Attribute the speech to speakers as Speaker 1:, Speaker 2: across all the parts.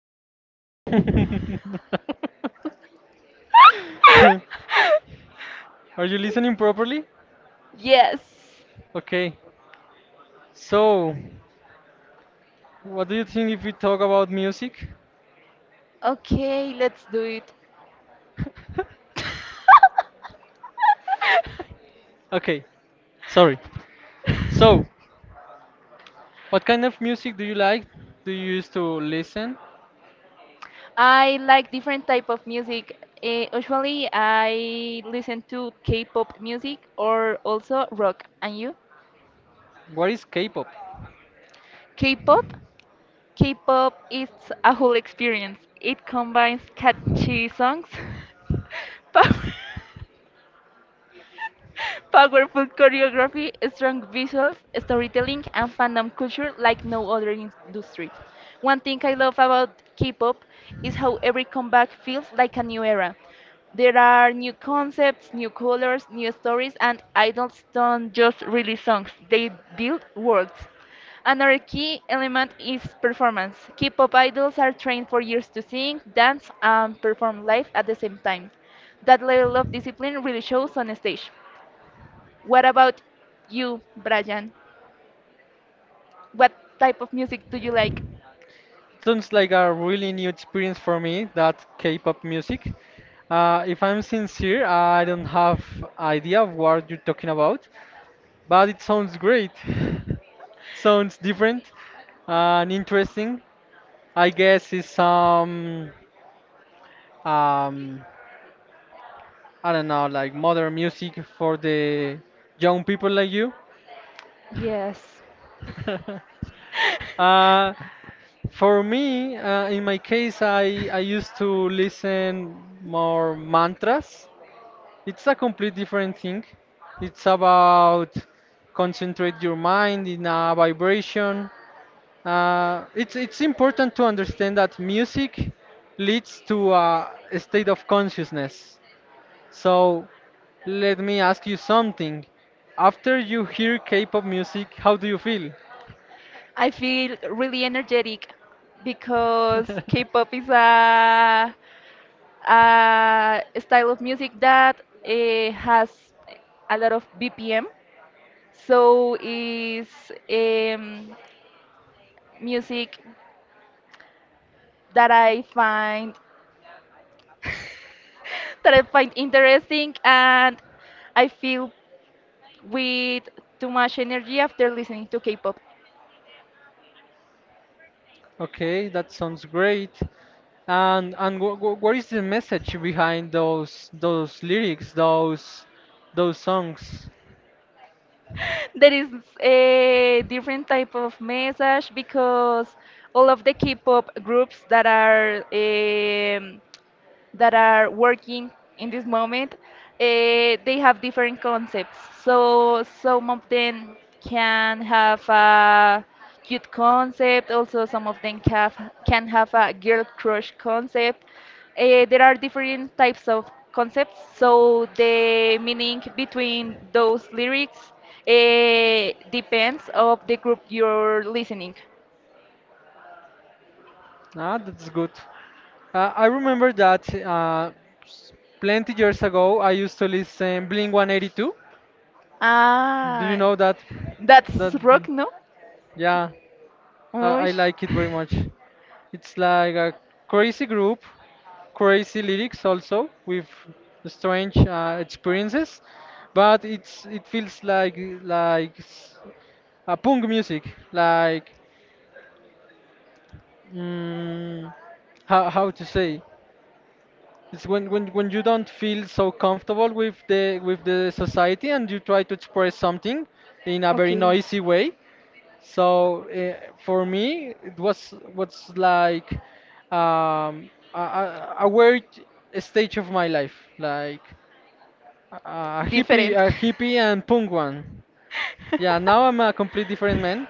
Speaker 1: Brian.
Speaker 2: Are you listening properly?
Speaker 1: Yes.
Speaker 2: Okay. So, what do you think if we talk about music?
Speaker 1: Okay, let's do it.
Speaker 2: Okay, sorry. So, what kind of music do you like? Do you used to listen?
Speaker 1: I like different type of music. Usually, I listen to K-pop music or also rock. And you?
Speaker 2: What is K-pop?
Speaker 1: K-pop? K-pop is a whole experience. It combines catchy songs, power. Powerful choreography, strong visuals, storytelling, and fandom culture like no other industry. One thing I love about K pop is how every comeback feels like a new era. There are new concepts, new colors, new stories, and idols don't just release songs, they build worlds. Another key element is performance. K-pop idols are trained for years to sing, dance, and perform live at the same time. That level of discipline really shows on stage. What about you, Brian? What type of music do you like?
Speaker 2: Sounds like a really new experience for me, that K-pop music. If I'm sincere, I don't have idea of what you're talking about, but it sounds great. Sounds different and interesting. I guess it's some um I don't know, like modern music for the young people like you.
Speaker 1: Yes.
Speaker 2: uh, for me, in my case, I used to listen more mantras. It's a complete different thing. It's about concentrate your mind in a vibration. It's important to understand that music leads to a state of consciousness. So let me ask you something. After you hear K-pop music, how do you feel?
Speaker 1: I feel really energetic because K-pop is a style of music that has a lot of BPM. So is um, music that I find that I find interesting, and I feel with too much energy after listening to K-pop.
Speaker 2: Okay, that sounds great. And wh wh what is the message behind those lyrics, those songs?
Speaker 1: There is a different type of message because all of the K-pop groups that are working in this moment, they have different concepts. So some of them can have a cute concept. Also, some of them can have a girl crush concept. There are different types of concepts. So the meaning between those lyrics depends of the group you're listening.
Speaker 2: Ah, that's good. I remember that plenty years ago I used to listen Blink 182. Do you
Speaker 1: Ah,
Speaker 2: know that?
Speaker 1: that's
Speaker 2: That
Speaker 1: rock, no?
Speaker 2: yeah, I
Speaker 1: Ush.
Speaker 2: like it very much. It's like a crazy group, crazy lyrics also with strange experiences, but it feels like like s- a punk music, like mm, how to say. It's when, when you don't feel so comfortable with the society and you try to express something in a very
Speaker 1: Okay.
Speaker 2: noisy way. So for me, it was what's like a weird stage of my life, like
Speaker 1: Different.
Speaker 2: a hippie and punk one. Yeah, now I'm a complete different man,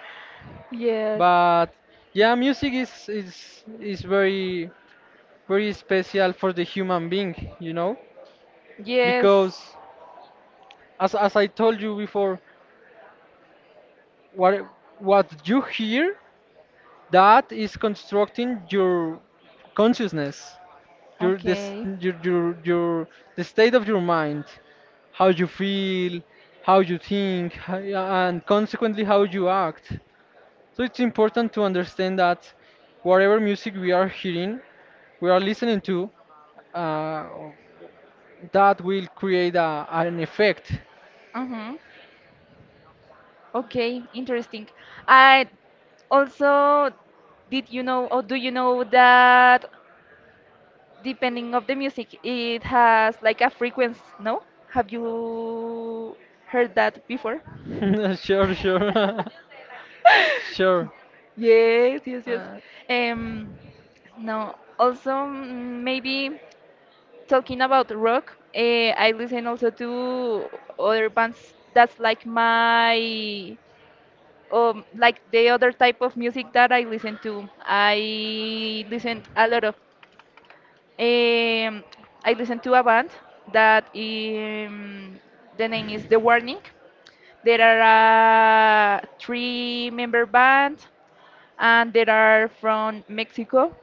Speaker 1: Yes.
Speaker 2: but yeah, music is very very special for the human being, you know,
Speaker 1: Yes.
Speaker 2: because as I told you before, what what you hear that is constructing your consciousness, your this,
Speaker 1: Okay.
Speaker 2: your the state of your mind, how you feel, how you think, how- and consequently how you act. So it's important to understand that whatever music we are hearing, we are listening to, uh, that will create an effect.
Speaker 1: Mm-hmm. Okay, interesting. I also did you know or do you know that depending of the music it has like a frequency, no? Have you heard that before?
Speaker 2: Sure. Sure
Speaker 1: Yes, yes, yes.
Speaker 2: uh,
Speaker 1: Um, no, also mm, maybe talking about rock, I listen also to other bands that's like my like the other type of music that I listen to. I listen a lot of um I listen to a band that the name is The Warning. There are a three-member band and they are from Mexico.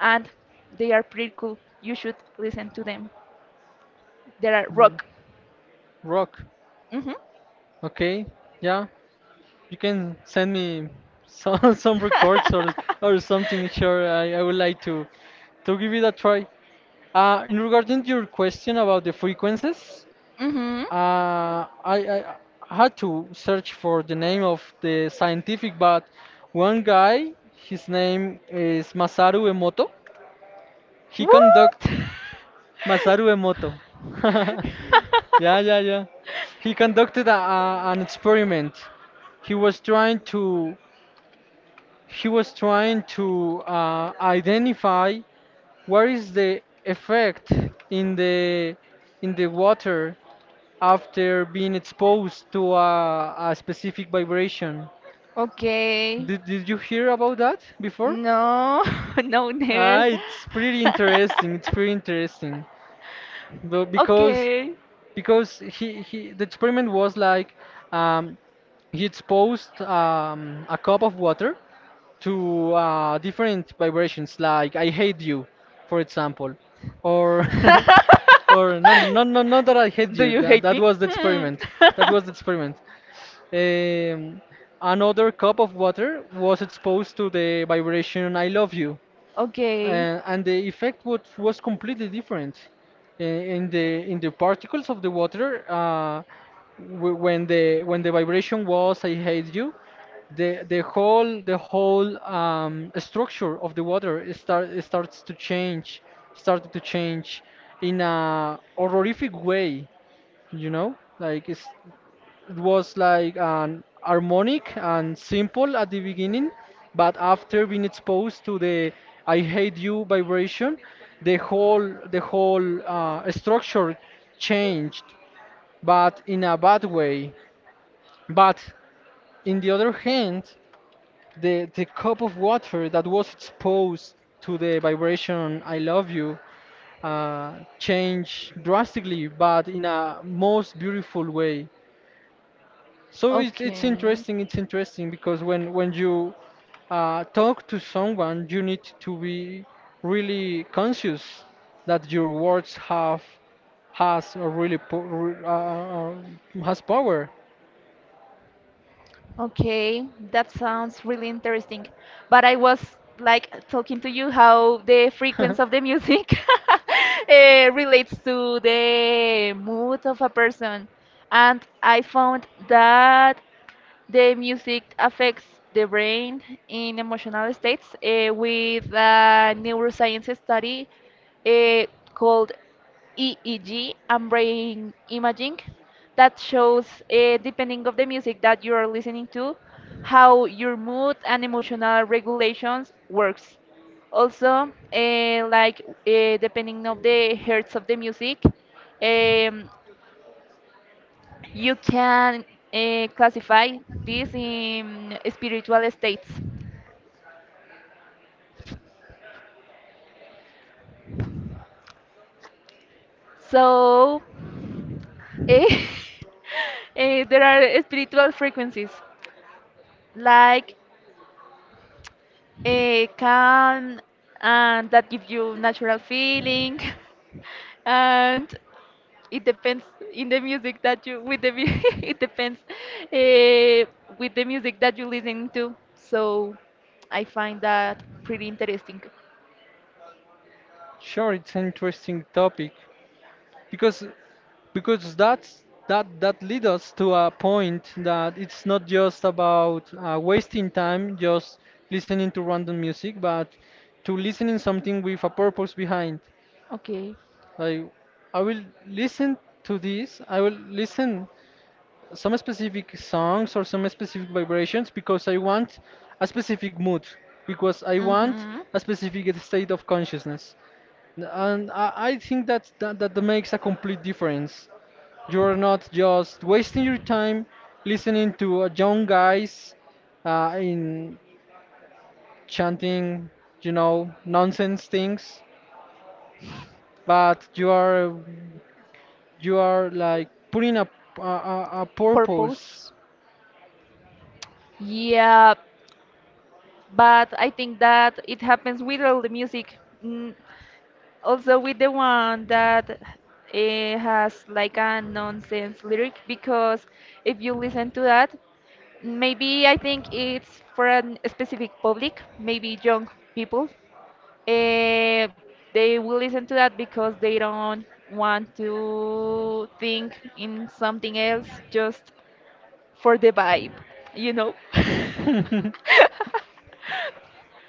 Speaker 1: And they are pretty cool. You should listen to them. They are rock.
Speaker 2: Rock.
Speaker 1: Mhm.
Speaker 2: Okay. Yeah. You can send me some some records or something. Sure, I would like to give it a try. In regarding your question about the frequencies,
Speaker 1: Mhm.
Speaker 2: uh, I, I I had to search for the name of the scientific, but one guy, his name is Masaru Emoto. He conduct.
Speaker 1: What?
Speaker 2: Masaru Emoto. Yeah, yeah, yeah. He conducted an experiment. He was trying to he was trying to identify what is the effect in the in the water after being exposed to a specific vibration.
Speaker 1: Okay.
Speaker 2: Did you hear about that before?
Speaker 1: No. No, never.
Speaker 2: Ah, it's pretty interesting. It's pretty interesting. Though
Speaker 1: Okay.
Speaker 2: because he the experiment was like um, he exposed a cup of water to different vibrations like I hate you, for example, or or not that I hate
Speaker 1: Do
Speaker 2: you,
Speaker 1: you
Speaker 2: that
Speaker 1: hate
Speaker 2: that
Speaker 1: me?
Speaker 2: was the
Speaker 1: Hmm.
Speaker 2: experiment, that was the experiment. Um, another cup of water was exposed to the vibration I love you.
Speaker 1: Okay.
Speaker 2: And the effect was completely different Uh, in the particles of the water. Uh, w- when the when the vibration was I hate you, the whole structure of the water is start, it starts to change, started to change in a horrific way, you know, like it's, it was like an harmonic and simple at the beginning, but after being exposed to the "I hate you" vibration, the whole structure changed, but in a bad way. But in the other hand, the cup of water that was exposed to the vibration "I love you" changed drastically, but in a most beautiful way. So it's
Speaker 1: Okay.
Speaker 2: interesting. It's interesting because when you talk to someone, you need to be really conscious that your words have, has a really po re- has power.
Speaker 1: Okay, that sounds really interesting. But I was like talking to you how the frequency of the music relates to the mood of a person. And I found that the music affects the brain in emotional states with a neuroscience study eh, called EEG and brain imaging that shows, depending of the music that you are listening to, how your mood and emotional regulations works. Also, depending of the hertz of the music, um, you can classify this in spiritual states. So, eh, there are spiritual frequencies like calm and that gives you natural feeling and it depends in the music that you with the it depends with the music that you listen to, so I find that pretty interesting.
Speaker 2: Sure, it's an interesting topic because that leads us to a point that it's not just about wasting time just listening to random music, but to listening something with a purpose behind.
Speaker 1: Okay.
Speaker 2: I I will listen to this. I will listen some specific songs or some specific vibrations because I want a specific mood, because I want
Speaker 1: Hmm.
Speaker 2: a specific state of consciousness. And I think that that makes a complete difference. You're not just wasting your time listening to young guys in chanting, you know, nonsense things, but you are, you are like putting a purpose.
Speaker 1: Purpose, yeah, but I think that it happens with all the music. Mm, also with the one that it has like a nonsense lyric because if you listen to that, maybe I think it's for a specific public, maybe young people. Eh, they will listen to that because they don't want to think in something else, just for the vibe, you know.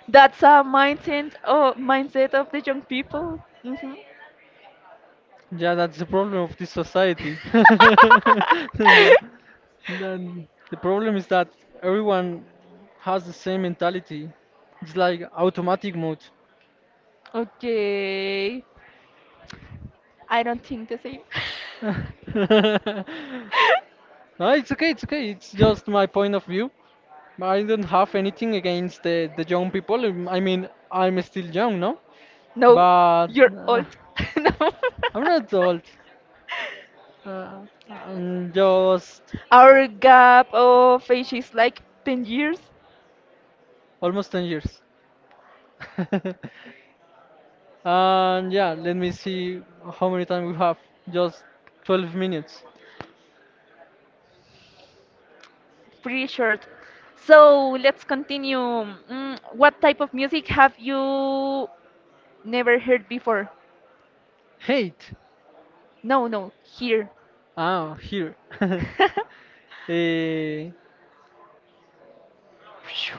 Speaker 1: That's a mindset, oh, mindset of the young people. Hmm.
Speaker 2: Yeah, that's the problem of this society. Yeah, then the problem is that everyone has the same mentality. It's like automatic mode.
Speaker 1: Okay. I don't think the same.
Speaker 2: No, it's okay, it's okay. It's just my point of view. I don't have anything against the young people. I mean, I'm still young, no?
Speaker 1: No,
Speaker 2: But
Speaker 1: you're
Speaker 2: uh,
Speaker 1: old. No.
Speaker 2: I'm not old. Uh, I'm just
Speaker 1: Our gap of age is like 10 years.
Speaker 2: almost 10 years. And yeah, let me see how many time we have. Just 12 minutes.
Speaker 1: Pretty short. So let's continue. Mm, what type of music have you never heard before.
Speaker 2: Hate.
Speaker 1: No, no, here.
Speaker 2: Ah, here. Eh, phew.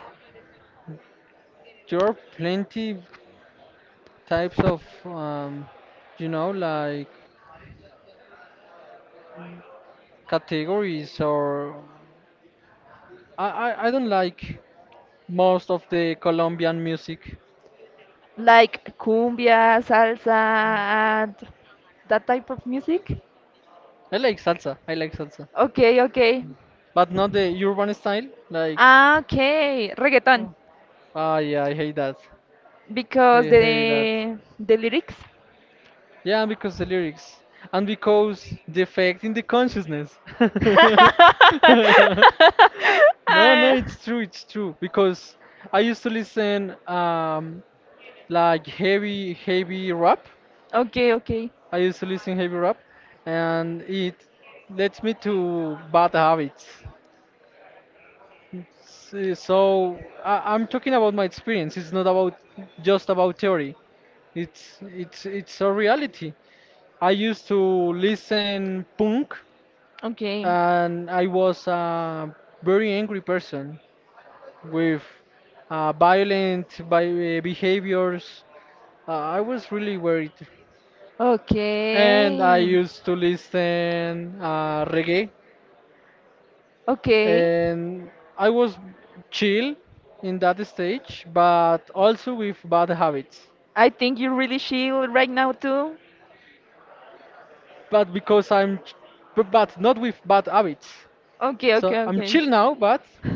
Speaker 2: There are plenty types of, you know, like categories or I don't like most of the Colombian music.
Speaker 1: Like cumbia, salsa, and that type of music.
Speaker 2: I like salsa. I like salsa,
Speaker 1: Okay, okay.
Speaker 2: but not the urban style. Like,
Speaker 1: Ah, okay, reggaeton.
Speaker 2: oh, ah, yeah, I hate that.
Speaker 1: Because
Speaker 2: I hate that.
Speaker 1: the lyrics.
Speaker 2: Yeah, because the lyrics. And because the effect in the consciousness. No, no,
Speaker 1: Ah,
Speaker 2: it's true, it's true. Because I used to listen like heavy heavy rap.
Speaker 1: okay, okay,
Speaker 2: I used to listen heavy rap and it led me to bad habits. So I'm talking about my experience. It's not about just about theory. It's it's a reality. I used to listen punk,
Speaker 1: okay,
Speaker 2: and I was a very angry person with violent bi- behaviors. I was really worried, and I
Speaker 1: okay,
Speaker 2: used to listen reggae.
Speaker 1: okay.
Speaker 2: And I was chill in that stage, but also with bad habits.
Speaker 1: I think you're really chill right now too.
Speaker 2: But because I'm, but not with bad habits.
Speaker 1: Okay, okay,
Speaker 2: So I'm
Speaker 1: okay.
Speaker 2: chill now, but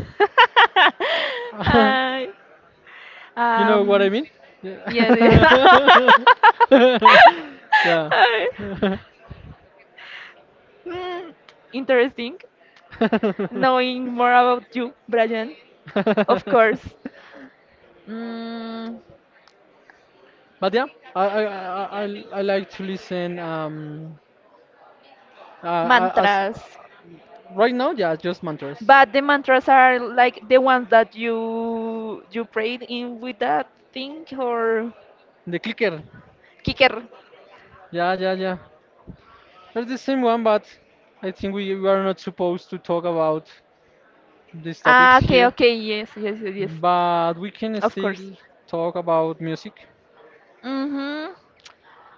Speaker 1: I,
Speaker 2: you know what I
Speaker 1: um,
Speaker 2: mean?
Speaker 1: yeah.
Speaker 2: Yeah. Yeah.
Speaker 1: I- Mm, interesting knowing more about you, Brian. Of course. Mm,
Speaker 2: But yeah, I like to listen as
Speaker 1: mantras.
Speaker 2: right now, yeah, just mantras.
Speaker 1: But the mantras are like the ones that you prayed in with that thing or
Speaker 2: The clicker.
Speaker 1: kicker.
Speaker 2: Yeah, yeah, yeah. They're the same one, but I think we are not supposed to talk about these topics
Speaker 1: Ah, okay,
Speaker 2: here.
Speaker 1: okay, yes, yes, yes, yes.
Speaker 2: But we can
Speaker 1: Of course.
Speaker 2: still talk about music.
Speaker 1: Mm-hmm.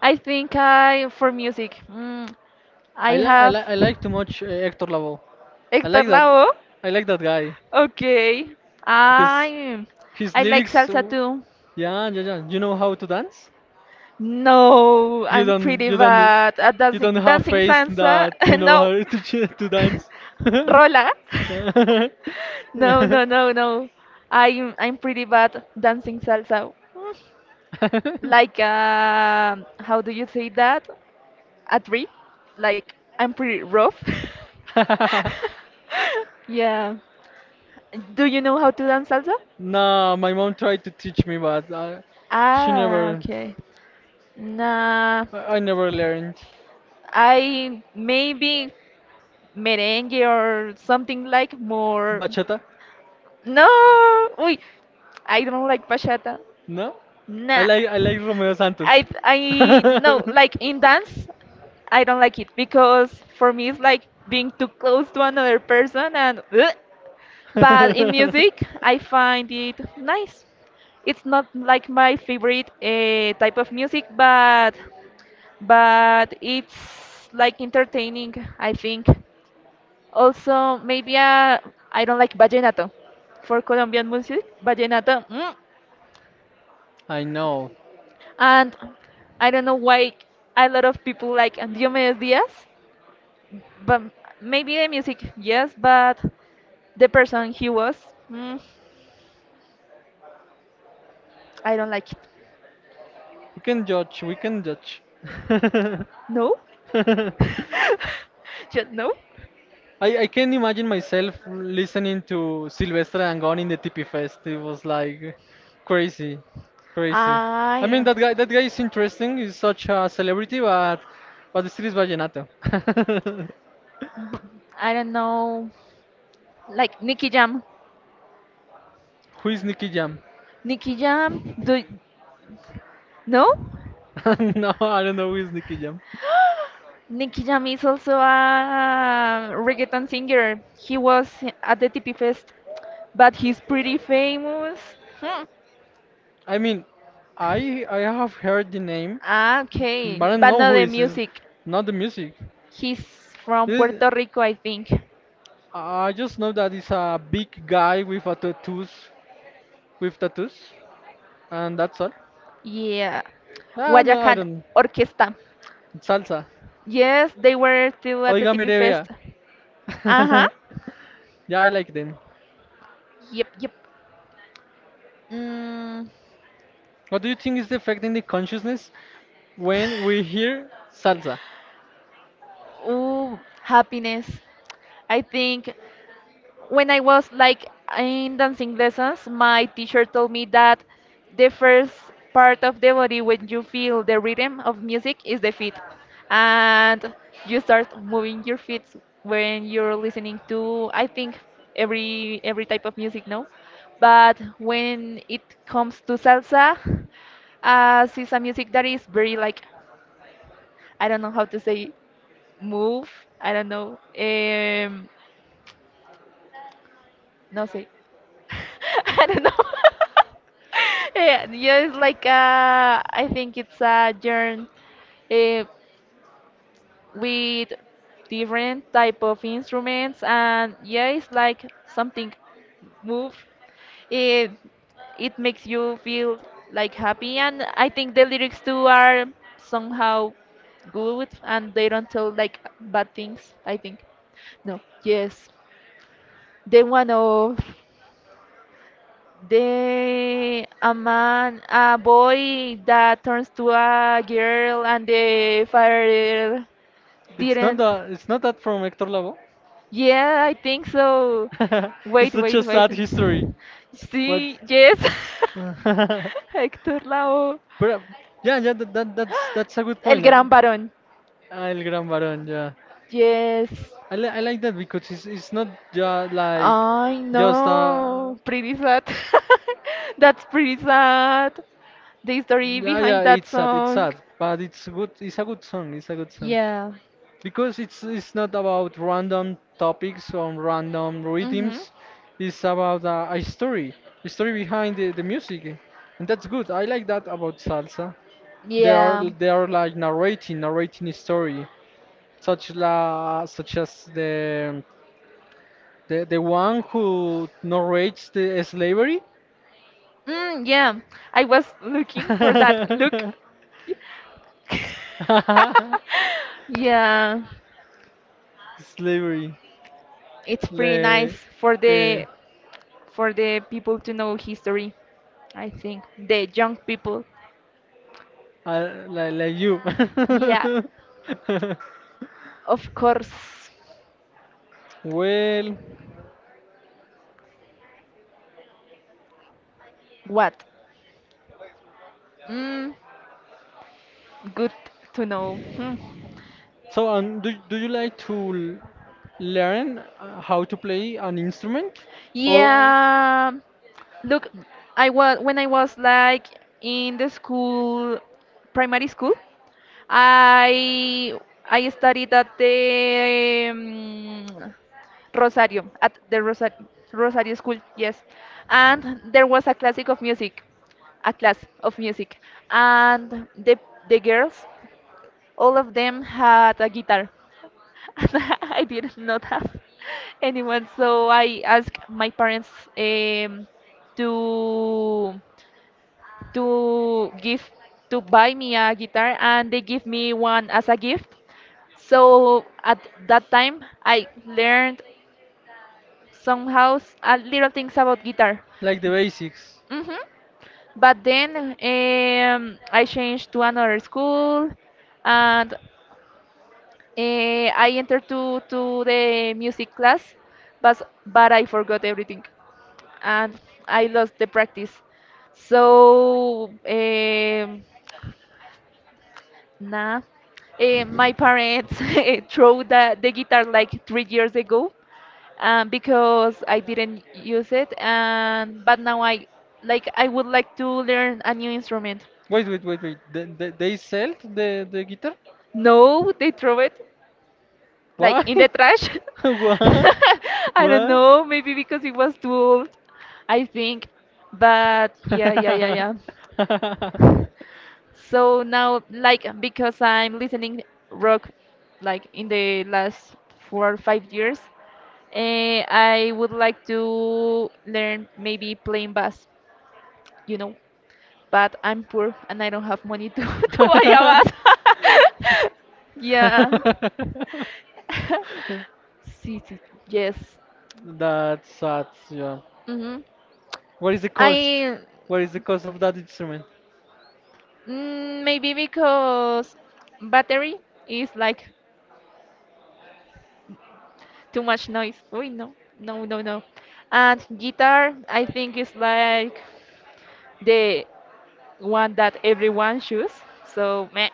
Speaker 1: I think I for music. Mm, I have
Speaker 2: I like too much Hector Lavoe. I
Speaker 1: Héctor
Speaker 2: like that.
Speaker 1: Lavoe.
Speaker 2: I like that guy
Speaker 1: Okay.
Speaker 2: because
Speaker 1: I
Speaker 2: his
Speaker 1: I like
Speaker 2: lyrics.
Speaker 1: salsa too.
Speaker 2: Yeah, yeah, yeah. You know how to dance?
Speaker 1: No,
Speaker 2: You
Speaker 1: I'm
Speaker 2: don't.
Speaker 1: pretty
Speaker 2: You don't.
Speaker 1: bad at
Speaker 2: You
Speaker 1: dancing
Speaker 2: don't have
Speaker 1: dancing
Speaker 2: face
Speaker 1: salsa.
Speaker 2: that you know how
Speaker 1: No,
Speaker 2: to dance.
Speaker 1: rola. No, no, no, no. I'm pretty bad dancing salsa. Like how do you say that? A three? Like I'm pretty rough. Yeah. Do you know how to dance salsa?
Speaker 2: Nah, my mom tried to teach me, but I, she
Speaker 1: Ah,
Speaker 2: never,
Speaker 1: okay. Nah,
Speaker 2: I never learned
Speaker 1: I maybe merengue or something like more.
Speaker 2: bachata.
Speaker 1: No, wait, I don't like bachata.
Speaker 2: No,
Speaker 1: Nah.
Speaker 2: I like Romeo Santos.
Speaker 1: I no like in dance, I don't like it because for me it's like being too close to another person and ugh. But in music I find it nice. It's not like my favorite type of music, but it's like entertaining. I think. Also, maybe I don't like vallenato. For Colombian music, vallenato. Mm,
Speaker 2: I know.
Speaker 1: and I don't know why a lot of people like Diomedes Diaz, but maybe the music, yes, but the person he was, mm, I don't like it.
Speaker 2: We can judge. We can judge.
Speaker 1: No, just no.
Speaker 2: I can imagine myself listening to Sylvester Dangond in the TP Fest. It was like crazy, crazy. I mean
Speaker 1: I
Speaker 2: that guy is interesting. He's such a celebrity, but still is vallenato.
Speaker 1: b- I don't know, like Nicky Jam.
Speaker 2: Who is Nicky Jam?
Speaker 1: Nicky Jam, do no?
Speaker 2: No, I don't know who is Nicky Jam.
Speaker 1: Nicky Jam is also a reggaeton singer. He was at the TP Fest, but he's pretty famous. Hmm.
Speaker 2: I mean, I have heard the name,
Speaker 1: Ah,
Speaker 2: but
Speaker 1: okay.
Speaker 2: I don't
Speaker 1: But
Speaker 2: know
Speaker 1: not
Speaker 2: who
Speaker 1: the
Speaker 2: is. Is
Speaker 1: music.
Speaker 2: not the music.
Speaker 1: He's from
Speaker 2: This,
Speaker 1: Puerto Rico, I think.
Speaker 2: I just know that he's a big guy with a tattoos, with tattoos, and that's all.
Speaker 1: Yeah.
Speaker 2: Ah, no, I
Speaker 1: Guayacan
Speaker 2: don't.
Speaker 1: Orquesta.
Speaker 2: Salsa.
Speaker 1: Yes, they were too at the
Speaker 2: Oiga, mi
Speaker 1: TP Fest.
Speaker 2: revea.
Speaker 1: Uh-huh.
Speaker 2: Yeah, I like them.
Speaker 1: Yep, yep. Mm,
Speaker 2: What do you think is affecting the consciousness when we hear salsa?
Speaker 1: ooh, happiness. I think. When I was like in dancing lessons, my teacher told me that the first part of the body when you feel the rhythm of music is the feet, and you start moving your feet when you're listening to I think every type of music now, but when it comes to salsa, as it's a music that is very like I don't know how to say move. I don't know. No sé. I don't know. Yeah, yeah, it's like I think it's a germ uh, with different type of instruments, and yeah, it's like something move. It it makes you feel like happy, and I think the lyrics too are somehow good, and they don't tell like bad things. I think no, yes, the one of the a man a boy that turns to a girl and the father
Speaker 2: It's not
Speaker 1: didn't,
Speaker 2: the, it's not that from Hector Lavoe.
Speaker 1: yeah I think so.
Speaker 2: It's
Speaker 1: Wait,
Speaker 2: such
Speaker 1: wait,
Speaker 2: a
Speaker 1: wait.
Speaker 2: sad history, but
Speaker 1: See, yes.
Speaker 2: but
Speaker 1: Héctor Lavoe,
Speaker 2: uh, yeah, yeah, that, that's a good
Speaker 1: el
Speaker 2: point.
Speaker 1: gran varón,
Speaker 2: El Gran Barón, yeah.
Speaker 1: yes.
Speaker 2: I like that because it's not just like
Speaker 1: I
Speaker 2: just
Speaker 1: know, pretty sad. That's pretty sad, the story
Speaker 2: Yeah, yeah,
Speaker 1: behind that
Speaker 2: it's
Speaker 1: song.
Speaker 2: sad, but it's good. It's a good song. It's a good song
Speaker 1: Yeah.
Speaker 2: because it's not about random topics or random
Speaker 1: Mhm.
Speaker 2: rhythms. It's about a story behind the music, and that's good. I like that about salsa.
Speaker 1: Yeah.
Speaker 2: They are like narrating a story, such as the the one who narrates the slavery.
Speaker 1: Mm, yeah, I was looking for that look. Yeah,
Speaker 2: Slavery.
Speaker 1: it's pretty nice
Speaker 2: Like
Speaker 1: for
Speaker 2: eh,
Speaker 1: the for the people to know history, I think. The young people.
Speaker 2: like you.
Speaker 1: Yeah, of course.
Speaker 2: Well,
Speaker 1: What? Mm, good to know. Hmm.
Speaker 2: so do do you like to learn how to play an instrument or
Speaker 1: Yeah. Look, I was when I was like in the school, primary school, I I studied at the um, Rosario, at the Rosario School, yes. And there was a classic of music, a class of music. And the girls, all of them had a guitar. And I did not have anyone, so I asked my parents um, to to give to buy me a guitar and they give me one as a gift, so at that time, I learned somehow a little things about guitar.
Speaker 2: like the basics?
Speaker 1: Hmm. But then I changed to another school, and I entered to the music class, but but I forgot everything, and I lost the practice. So nah, my parents threw the guitar like 3 years ago because I didn't use it, and but now I like I would like to learn a new instrument.
Speaker 2: Wait, wait, wait, wait. They sell the guitar?
Speaker 1: No, they throw it like
Speaker 2: Why?
Speaker 1: in the trash.
Speaker 2: What?
Speaker 1: I don't
Speaker 2: What?
Speaker 1: know, maybe because it was too old, I think. But yeah, yeah, yeah, yeah. So now, like, because I'm listening rock, like in the last 4 or 5 years, I would like to learn maybe playing bass. You know, but I'm poor and I don't have money to, to buy a bus. Yeah. Sí, sí, yes.
Speaker 2: That's sad, yeah.
Speaker 1: Hmm.
Speaker 2: What is the cost?
Speaker 1: I
Speaker 2: What is the cost of that instrument?
Speaker 1: mm, maybe because battery is like too much noise. Uy, no, no, no, no. And guitar, I think is like the one that everyone choose. So meh.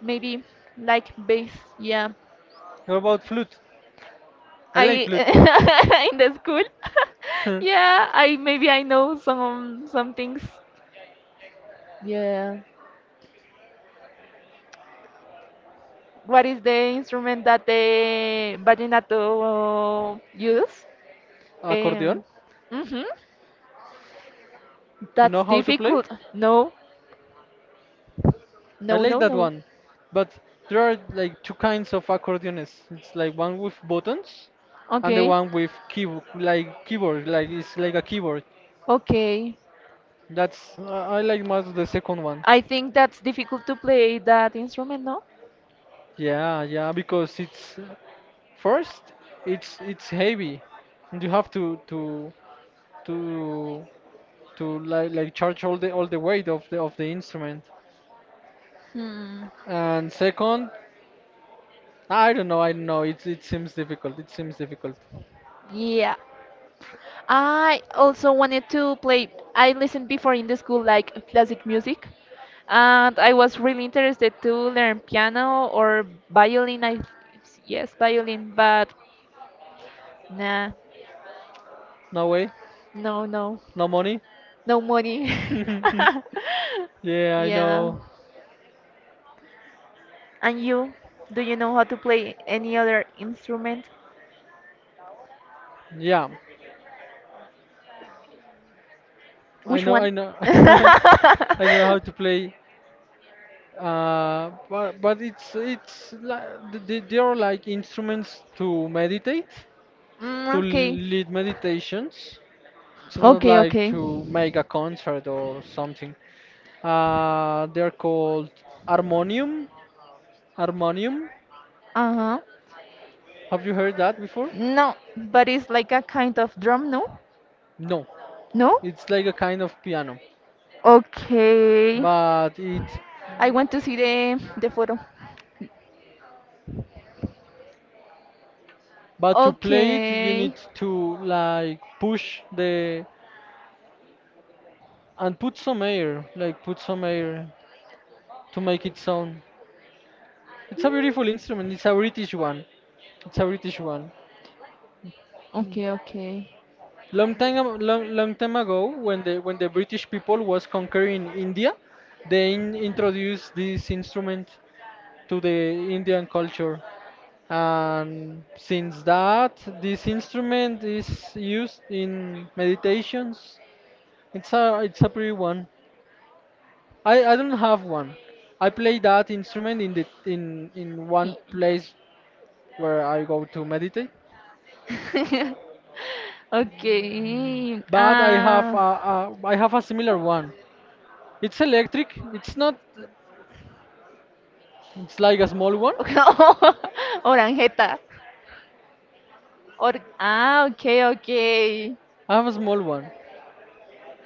Speaker 1: Maybe like bass. Yeah.
Speaker 2: What about flute? I
Speaker 1: I
Speaker 2: like flute.
Speaker 1: in the school.
Speaker 2: Huh.
Speaker 1: Yeah, I maybe I know some things. Yeah. What is the instrument that the vallenato use?
Speaker 2: Accordion?
Speaker 1: Um, mhm.
Speaker 2: You
Speaker 1: That's
Speaker 2: know how to play?
Speaker 1: difficult. No,
Speaker 2: I
Speaker 1: no,
Speaker 2: like
Speaker 1: no,
Speaker 2: that
Speaker 1: no.
Speaker 2: one. But there are like two kinds of accordionists. It's like one with buttons and the
Speaker 1: Okay.
Speaker 2: one with key like keyboard, like it's like a keyboard.
Speaker 1: Okay.
Speaker 2: That's I like much the second one.
Speaker 1: I think that's difficult to play that instrument, no?
Speaker 2: Yeah, yeah, because it's first it's heavy and you have to to like charge all the weight of the instrument.
Speaker 1: Hmm.
Speaker 2: And second, I don't know, I don't know. It seems difficult. It seems difficult.
Speaker 1: Yeah. I also wanted to play. I listened before in the school like classic music, and I was really interested to learn piano or violin. I yes, violin, but nah,
Speaker 2: No way,
Speaker 1: no, no,
Speaker 2: no money.
Speaker 1: no money.
Speaker 2: Yeah, I
Speaker 1: Yeah.
Speaker 2: know.
Speaker 1: And you, do you know how to play any other instrument?
Speaker 2: Yeah,
Speaker 1: Which
Speaker 2: I
Speaker 1: one?
Speaker 2: know. I know how to play. But it's like, they are like instruments to meditate, to
Speaker 1: Mm, okay.
Speaker 2: lead meditations. It's not
Speaker 1: Okay,
Speaker 2: like
Speaker 1: okay.
Speaker 2: to make a concert or something. They're called harmonium. Harmonium.
Speaker 1: Uh-huh.
Speaker 2: Have you heard that before?
Speaker 1: No, but it's like a kind of drum, no?
Speaker 2: No.
Speaker 1: No?
Speaker 2: It's like a kind of piano,
Speaker 1: Okay.
Speaker 2: but it,
Speaker 1: I want to see the photo.
Speaker 2: but to play it you need
Speaker 1: Okay.
Speaker 2: to like push the and put some air, like put some air to make it sound. It's a beautiful instrument. It's a British one. It's a British one.
Speaker 1: Okay, okay.
Speaker 2: Long time, long, long time ago, when the British people was conquering India, they introduced this instrument to the Indian culture, and since that, this instrument is used in meditations. It's a pretty one. I don't have one. I play that instrument in the in one place where I go to meditate,
Speaker 1: Okay.
Speaker 2: but I have
Speaker 1: Ah.
Speaker 2: a I have a similar one. It's electric. It's not. It's like a small one.
Speaker 1: Oranjeta. Or ah, okay, okay.
Speaker 2: I have a small one.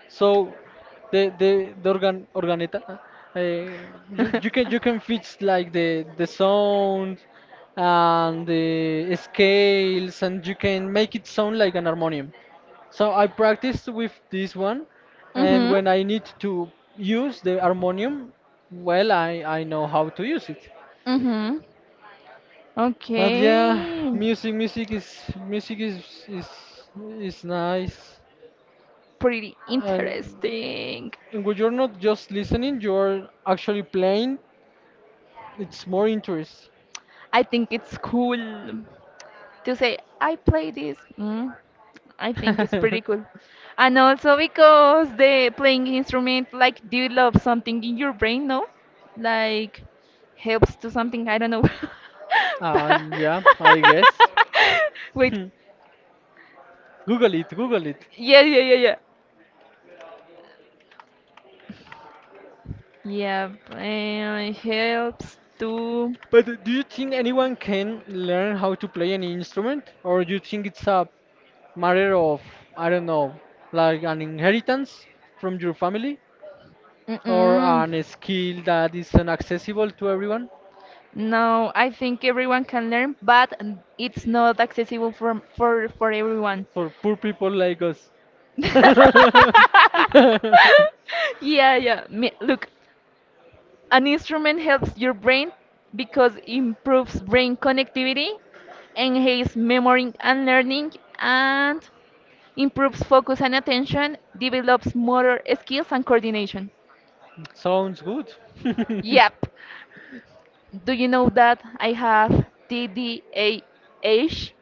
Speaker 2: So the organ organeta you can fix like the sound and the scales and you can make it sound like an harmonium. So I practiced with this one and
Speaker 1: Mhm.
Speaker 2: when I need to use the harmonium, well I know how to use it.
Speaker 1: Mhm.
Speaker 2: But yeah,
Speaker 1: Okay.
Speaker 2: music music music is is is nice.
Speaker 1: Pretty
Speaker 2: And
Speaker 1: interesting.
Speaker 2: in which you're not just listening, you're actually playing. It's more interest.
Speaker 1: I think it's cool. To say I play this. Mm, I think it's pretty cool, and also because the playing instrument like develops something in your brain, no? Like helps to something I don't know. But-
Speaker 2: And yeah, I guess.
Speaker 1: Wait,
Speaker 2: Hmm. Google it, Google it.
Speaker 1: yeah, yeah, yeah, yeah. Yeah, and helps to.
Speaker 2: But do you think anyone can learn how to play any instrument, or do you think it's a matter of I don't know, like an inheritance from your family, or
Speaker 1: Mm-mm.
Speaker 2: an skill that is accessible to everyone
Speaker 1: No, I think everyone can learn, but it's not accessible for everyone.
Speaker 2: for poor people like us?
Speaker 1: Yeah, yeah. Me- Look, an instrument helps your brain because it improves brain connectivity, enhances memory and learning, and improves focus and attention, develops motor skills and coordination.
Speaker 2: Sounds good.
Speaker 1: Yep. Do you know that I have TDAH? Do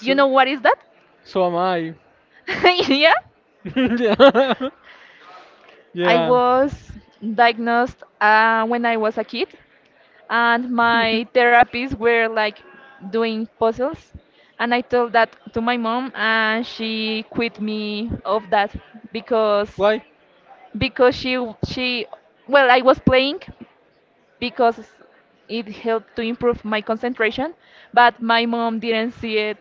Speaker 1: you know what is that?
Speaker 2: so am I.
Speaker 1: Yeah.
Speaker 2: Yeah.
Speaker 1: I
Speaker 2: Yeah.
Speaker 1: was diagnosed when I was a kid. And my therapies were like doing puzzles, and I told that to my mom and she quit me of that because
Speaker 2: Why?
Speaker 1: because she, well I was playing because it helped to improve my concentration, but my mom didn't see it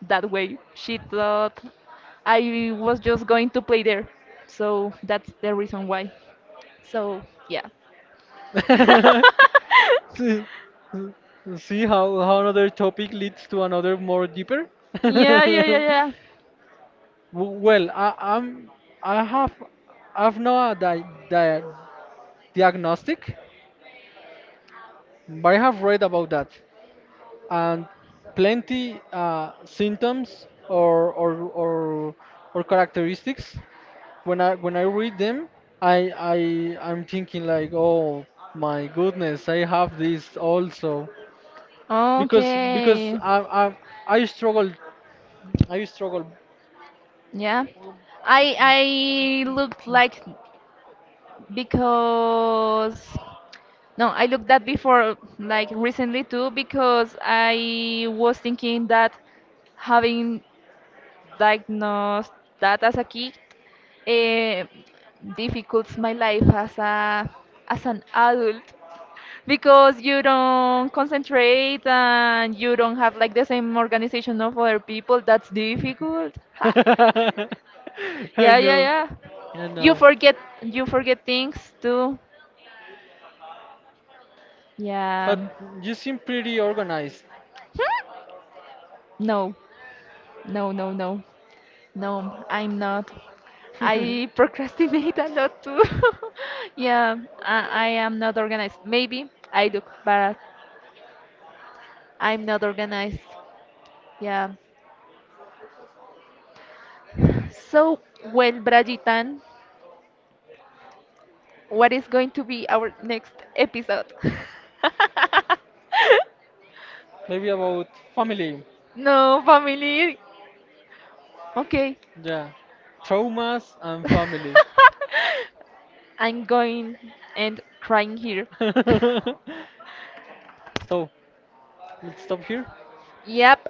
Speaker 1: that way, she thought I was just going to play there, so that's the reason why. So yeah,
Speaker 2: See, see how another topic leads to another more deeper?
Speaker 1: yeah, yeah, yeah,
Speaker 2: Well, I'm I have I've no diagnostic, but I have read about that, and plenty symptoms or, or characteristics. When I read them, I I I'm thinking like, oh my goodness, I have this also,
Speaker 1: yeah.
Speaker 2: because
Speaker 1: Okay.
Speaker 2: I struggle, I struggle.
Speaker 1: Yeah. I I looked like because no, I looked that before like recently too because I was thinking that having diagnosed that as a kid eh, difficults my life as a as an adult because you don't concentrate and you don't have like the same organization of other people, that's difficult. Ha.
Speaker 2: I
Speaker 1: Yeah, yeah,
Speaker 2: know.
Speaker 1: yeah.
Speaker 2: I know.
Speaker 1: You forget things too. Yeah.
Speaker 2: But you seem pretty organized.
Speaker 1: No. No, no, no. No, I'm not. I procrastinate a lot too. Yeah, I am not organized. Maybe I do, but I'm not organized. Yeah. So, well, Brajitan, what is going to be our next episode?
Speaker 2: Maybe about family.
Speaker 1: No, family. Okay.
Speaker 2: Yeah. Traumas and family.
Speaker 1: I'm going and crying here.
Speaker 2: So, let's stop here.
Speaker 1: Yep.